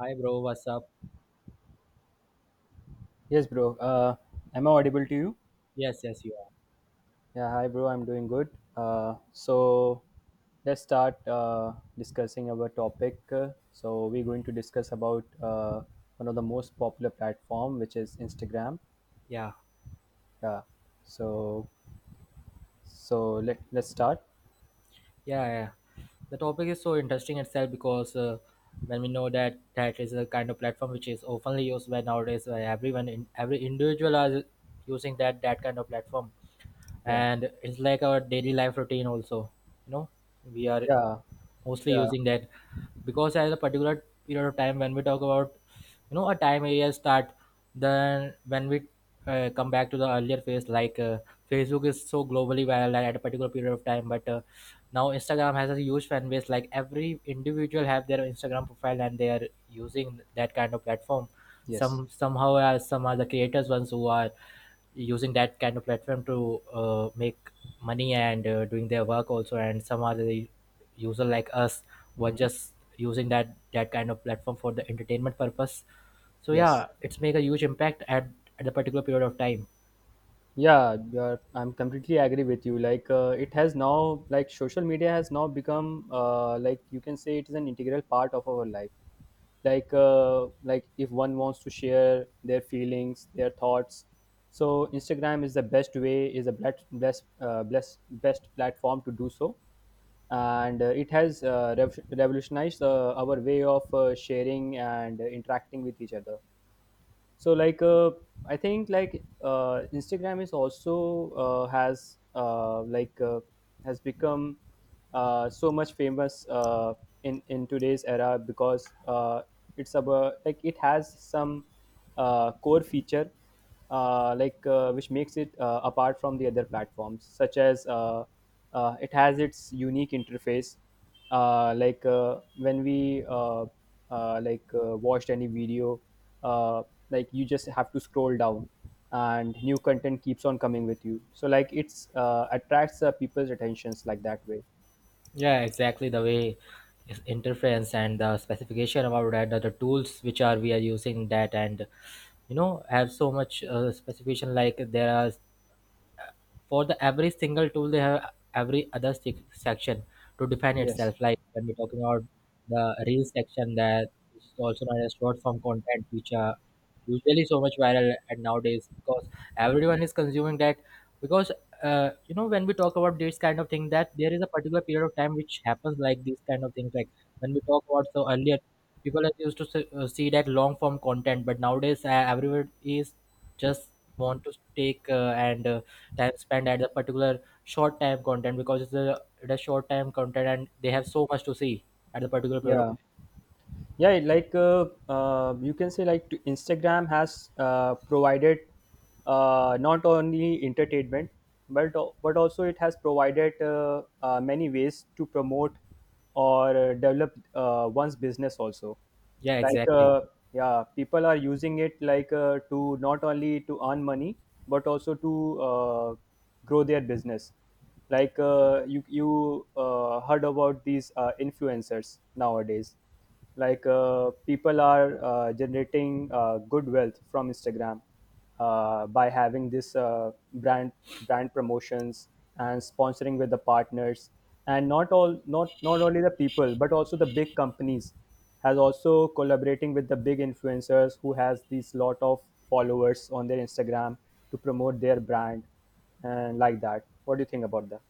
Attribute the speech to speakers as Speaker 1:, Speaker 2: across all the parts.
Speaker 1: Hi, bro. What's up?
Speaker 2: Yes, bro. Am I audible to you?
Speaker 1: Yes, yes, you are.
Speaker 2: Yeah, hi, bro. I'm doing good. So let's start discussing our topic. So we're going to discuss about one of the most popular platform, which is Instagram.
Speaker 1: yeah
Speaker 2: Yeah. So so let's start.
Speaker 1: yeah, the topic is so interesting itself because when we know that that is a kind of platform which is often used by nowadays by everyone in every individual are using that kind of platform,
Speaker 2: Yeah.
Speaker 1: and it's like our daily life routine also, you know, we are
Speaker 2: Yeah.
Speaker 1: mostly
Speaker 2: Yeah.
Speaker 1: using that, because at a particular period of time when we talk about, you know, a time area start, then when we come back to the earlier phase like, Facebook is so globally viral at a particular period of time, but now Instagram has a huge fan base, like every individual have their Instagram profile and they are using that kind of platform.
Speaker 2: Yes.
Speaker 1: Somehow, some are the creators ones who are using that kind of platform to make money and doing their work also, and some are the user like us, were
Speaker 2: Mm-hmm.
Speaker 1: just using that kind of platform for the entertainment purpose. So
Speaker 2: Yes.
Speaker 1: yeah, it's make a huge impact at the particular period of time.
Speaker 2: Yeah, I'm completely agree with you, like it has now, like social media has now become, like you can say it is an integral part of our life. Like like if one wants to share their feelings, their thoughts, so instagram is the best way, is a best platform to do so. And it has revolutionized our way of sharing and interacting with each other. So I think like instagram is also, has has become so much famous in today's era, because it's about, like it has some core feature, like which makes it apart from the other platforms, such as it has its unique interface. Like when we watched any video, uh, like you just have to scroll down and new content keeps on coming with you, so like it's attracts people's attentions like that way.
Speaker 1: Yeah, exactly the way is interference, and the specification about that, the tools which are we are using that, and you know, have so much specification, like there are for the every single tool, they have every other section to define
Speaker 2: Yes.
Speaker 1: itself. Like when we're talking about the real section, that is also known as short form content, which are usually so much viral and nowadays, because everyone is consuming that, because you know, when we talk about this kind of thing, that there is a particular period of time which happens like these kind of things, like when we talk about, so earlier people are used to see that long form content, but nowadays everyone is just want to take and time spent at the particular short time content, because it's a it has short time content and they have so much to see at the particular period of.
Speaker 2: Yeah yeah it like you can say like instagram has provided not only entertainment, but but also it has provided many ways to promote or develop one's business also.
Speaker 1: Yeah,
Speaker 2: Like
Speaker 1: exactly.
Speaker 2: yeah, people are using it like to not only to earn money, but also to grow their business, like you heard about these influencers nowadays. Like people are generating good wealth from instagram by having this brand promotions and sponsoring with the partners. And not only the people, but also the big companies has also collaborating with the big influencers who has these lot of followers on their instagram to promote their brand. And like that, what do you think about that?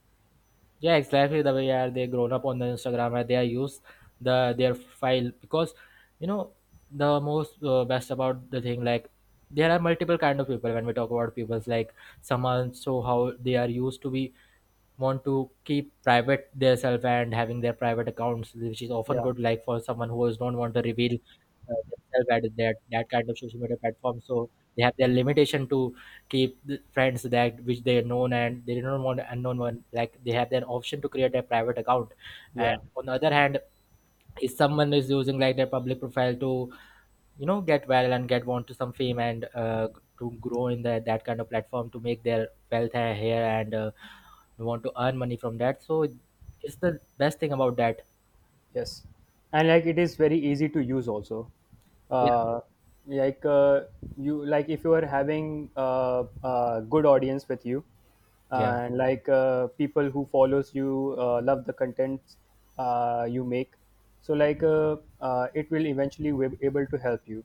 Speaker 1: Yeah, exactly the way are they grown up on the Instagram, and they are used the their file, because you know, the most best about the thing, like there are multiple kind of people. When we talk about people's, like someone, so how they are used to be, want to keep private themselves and having their private accounts, which is often
Speaker 2: Yeah.
Speaker 1: good, like for someone who is don't want to reveal uh, themselves at that kind of social media platform. So they have their limitation to keep the friends that which they are known, and they don't want unknown one. Like they have their option to create a private account.
Speaker 2: Yeah.
Speaker 1: And on the other hand, if someone is using like their public profile to, you know, get well and get want to some fame, and to grow in the, that kind of platform, to make their wealth here, and we want to earn money from that, so it's the best thing about that.
Speaker 2: Yes, and like it is very easy to use also.
Speaker 1: Yeah.
Speaker 2: Uh, like you, like if you are having a good audience with you,
Speaker 1: Yeah.
Speaker 2: and like people who follows you love the content you make. So like it will eventually be able to help you,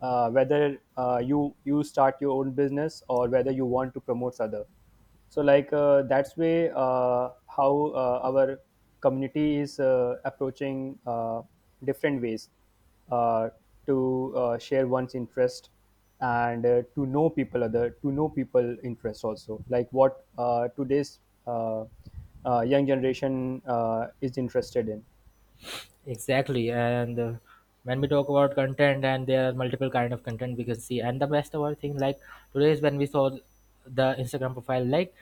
Speaker 2: whether you start your own business or whether you want to promote other. So like that's way how our community is approaching different ways uh, to share one's interest, and to know people, other to know people interest also, like what today's uh, young generation is interested in.
Speaker 1: Exactly, and when we talk about content, and there are multiple kind of content we can see, and the best of all thing, like today is when we saw the Instagram profile, like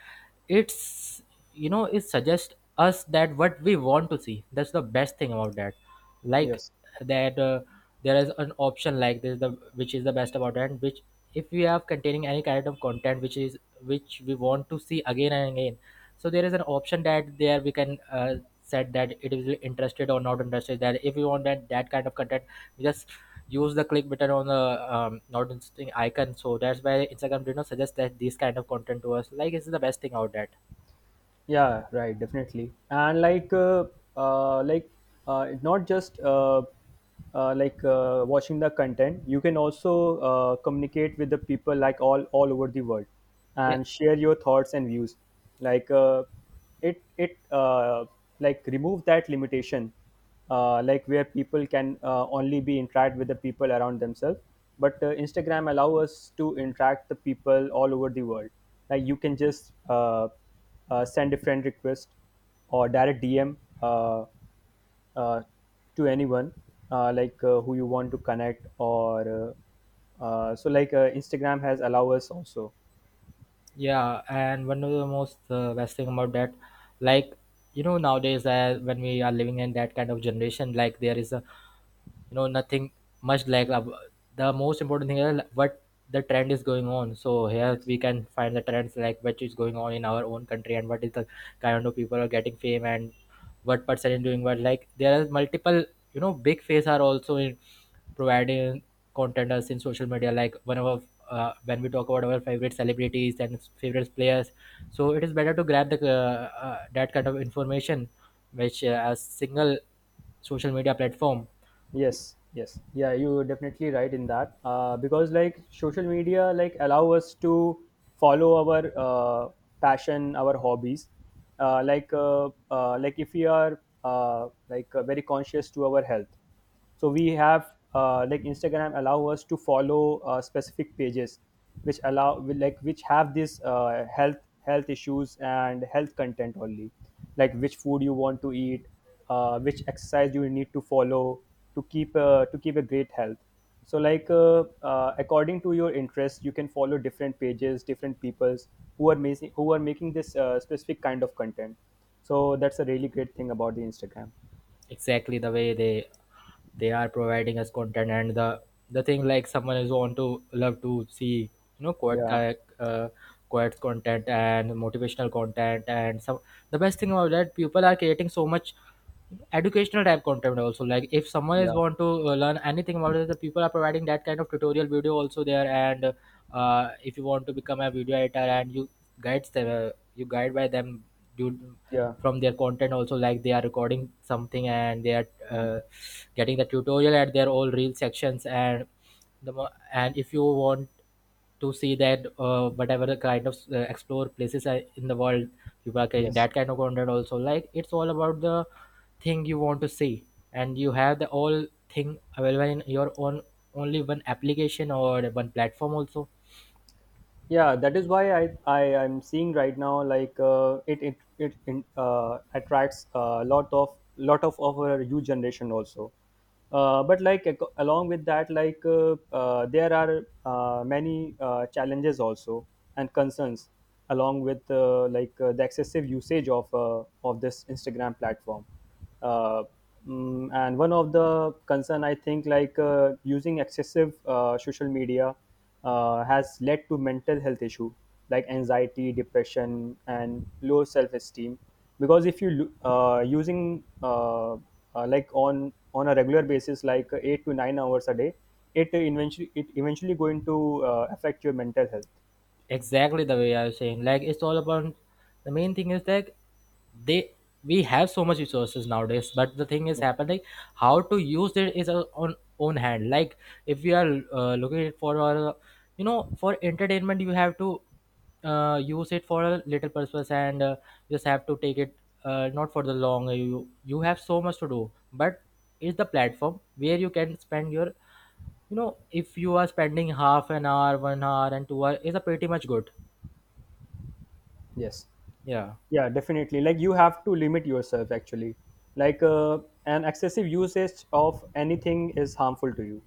Speaker 1: it's, you know, it suggests us that what we want to see. That's the best thing about that, like
Speaker 2: Yes.
Speaker 1: that there is an option like this, the which is the best about that, which if we have containing any kind of content which is which we want to see again and again, so there is an option that there we can said that it is interested or not interested, that if you want that that kind of content, you just use the click button on the not interesting icon, so that's why Instagram did not suggest that this kind of content to us, like it's the best thing out that.
Speaker 2: Yeah, right, definitely, and like it's not just like watching the content. You can also communicate with the people like all over the world,
Speaker 1: Yeah.
Speaker 2: and share your thoughts and views. Like it like remove that limitation, like where people can only be interact with the people around themselves, but instagram allow us to interact the people all over the world. Like you can just send a friend request or direct DM uh, uh, to anyone like who you want to connect or so like Instagram has allow us also.
Speaker 1: Yeah, and one of the most best thing about that, like you know, nowadays when we are living in that kind of generation, like there is a, you know, nothing much, like the most important thing is what the trend is going on. So here
Speaker 2: Yes.
Speaker 1: we can find the trends, like what is going on in our own country, and what is the kind of people are getting fame, and what person is doing what, like there are multiple, you know, big face are also in providing content us in social media, like one of when we talk about our favorite celebrities and favorite players, so it is better to grab the that kind of information which a single social media platform.
Speaker 2: Yes, yeah, you are definitely right in that, because like social media like allow us to follow our passion, our hobbies. Like like if we are like very conscious to our health, so we have like instagram allow us to follow specific pages which allow will, like which have this health issues and health content only. Like which food you want to eat, which exercise you need to follow to keep a great health. So like according to your interest, you can follow different pages, different peoples who are making this specific kind of content. So that's a really great thing about the instagram.
Speaker 1: Exactly the way they are providing us content, and the thing like someone is want to love to see, you know, quote
Speaker 2: Yeah.
Speaker 1: uh, quotes content and motivational content, and some, the best thing about that, people are creating so much educational type content also. Like if someone is
Speaker 2: Yeah.
Speaker 1: want to learn anything about it, the people are providing that kind of tutorial video also there. And if you want to become a video editor, and you guides them, you guide by them due
Speaker 2: Yeah.
Speaker 1: from their content also, like they are recording something and they are
Speaker 2: Mm.
Speaker 1: getting the tutorial at their all reel sections. And the and if you want to see that whatever the kind of explore places are in the world, people are getting
Speaker 2: Yes.
Speaker 1: that kind of content also, like it's all about the thing you want to see, and you have the all thing available in your own only one application or one platform also.
Speaker 2: Yeah, that is why I am seeing right now, like it attracts a lot of our youth generation also, but like, along with that, like there are many challenges also and concerns along with like the excessive usage of this instagram platform. uh, and one of the concern I think, like using excessive social media has led to mental health issue, like anxiety, depression and low self-esteem. Because if you lo- using on a regular basis, like 8 to 9 hours a day, it eventually going to affect your mental health.
Speaker 1: Exactly the way I was saying, like it's all about the main thing is that they, we have so much resources nowadays, but the thing is
Speaker 2: Yeah.
Speaker 1: happening how to use it is our own hand. Like if you are looking for our, you know, for entertainment, you have to use it for a little purpose, and just have to take it not for the long. You have so much to do, but it's the platform where you can spend your, you know, if you are spending half an hour, 1 hour, and 2 hour is a pretty much good.
Speaker 2: Yes.
Speaker 1: Yeah,
Speaker 2: Yeah, definitely, like you have to limit yourself actually. Like an excessive usage of anything is harmful to you,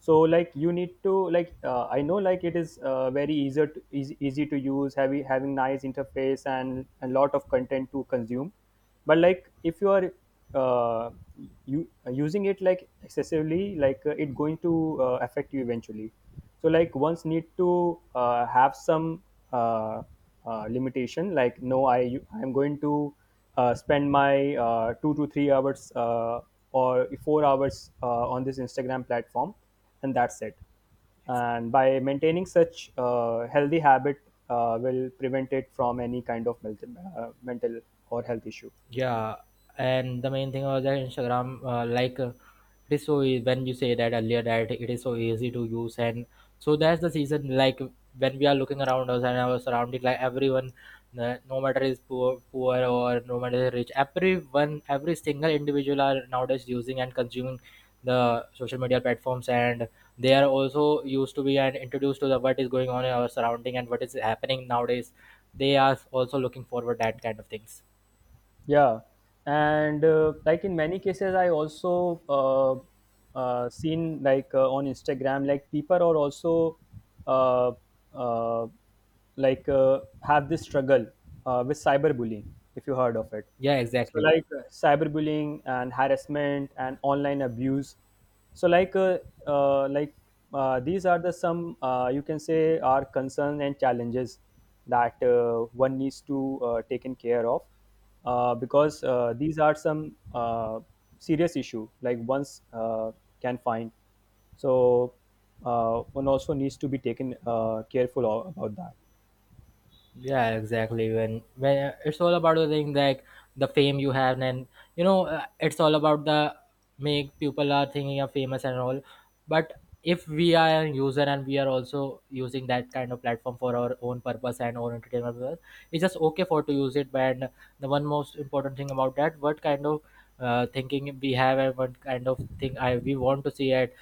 Speaker 2: so like you need to, like I know like it is very easy to, easy to use, having nice interface and a lot of content to consume. But like if you are uh, you using it like excessively, like it going to affect you eventually. So like ones need to have some uh, limitation, like no, I'm going to spend my 2 to 3 hours, or 4 hours, on this instagram platform, and that's it. And by maintaining such healthy habit, will prevent it from any kind of mental or health issue.
Speaker 1: yeah, and the main thing was that Instagram, like it is so when you say that earlier, that it is so easy to use, and so that's the season. Like when we are looking around us and our surrounding, like everyone, no matter is poor, poor, or no matter is rich, everyone, every single individual are nowadays using and consuming the social media platforms, and they are also used to be and introduced to the what is going on in our surrounding and what is happening nowadays. They are also looking forward that kind of things.
Speaker 2: Yeah, and like in many cases, I also seen like, on Instagram, like people are also uh, uh, have this struggle with cyberbullying, if you heard of it.
Speaker 1: Yeah,
Speaker 2: So
Speaker 1: exactly.
Speaker 2: like cyberbullying and harassment and online abuse. So like uh, like these are the some you can say are concerns and challenges that one needs to taken care of, because these are some serious issue like ones can find. So one also needs to be taken careful about that.
Speaker 1: Yeah, exactly. When it's all about the thing, like the fame you have, and you know, it's all about the make people are thinking you're famous and all. But if we are a user, and we are also using that kind of platform for our own purpose and our entertainment purpose, it's just okay for to use it. And the one most important thing about that, what kind of thinking we have, and what kind of thing I we want to see at,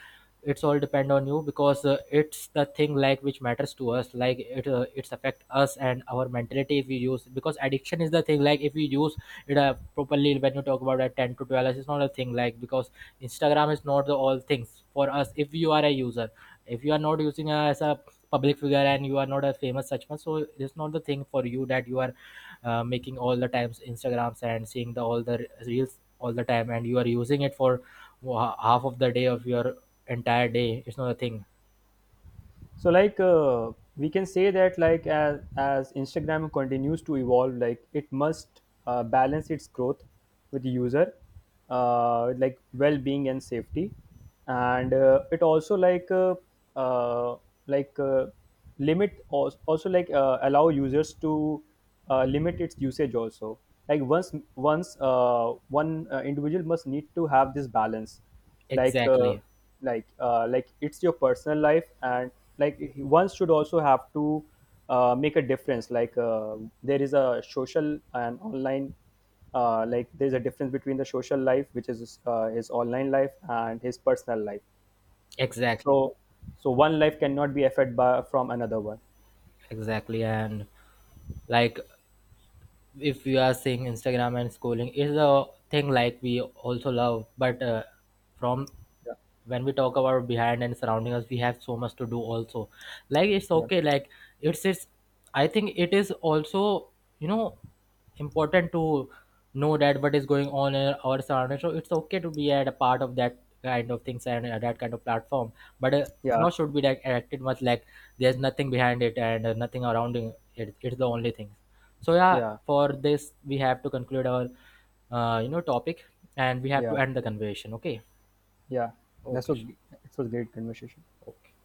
Speaker 1: it's all depend on you, because it's the thing like which matters to us, like it it's affect us and our mentality if we use, because addiction is the thing. Like if we use it properly, when you talk about at 10 to 12 hours, it's not a thing like, because Instagram is not the all things for us. If you are a user, if you are not using as a public figure, and you are not a famous such much, so it's not the thing for you, that you are making all the times Instagrams and seeing the all the reels all the time, and you are using it for half of the day of your entire day. It's not a thing.
Speaker 2: So like we can say that, like as instagram continues to evolve, like it must balance its growth with the user, with, like, well-being and safety. And it also like uh, like uh, limit also, like allow users to limit its usage also. Like once once one individual must need to have this balance. Like
Speaker 1: Exactly.
Speaker 2: like it's your personal life, and like one should also have to make a difference, like there is a social and online, like there's a difference between the social life, which is his online life, and his personal life.
Speaker 1: Exactly.
Speaker 2: So so one life cannot be affected by from another one.
Speaker 1: Exactly, and like if you are seeing Instagram and scrolling is a thing like we also love, but from
Speaker 2: Yeah.
Speaker 1: when we talk about behind and surrounding us, we have so much to do also, like it's
Speaker 2: Yeah.
Speaker 1: okay like it's, I think it is also, you know, important to know that what is going on in our surrounding, so it's okay to be at a part of that kind of things and that kind of platform. But
Speaker 2: Yeah.
Speaker 1: not should be like acted much, like there's nothing behind it and nothing around it, it's the only thing. So yeah,
Speaker 2: Yeah.
Speaker 1: for this we have to conclude our you know topic, and we have to
Speaker 2: Yeah.
Speaker 1: end the conversation, okay?
Speaker 2: Yeah, that's
Speaker 1: Okay. Sure.
Speaker 2: it was a great conversation.
Speaker 1: Okay.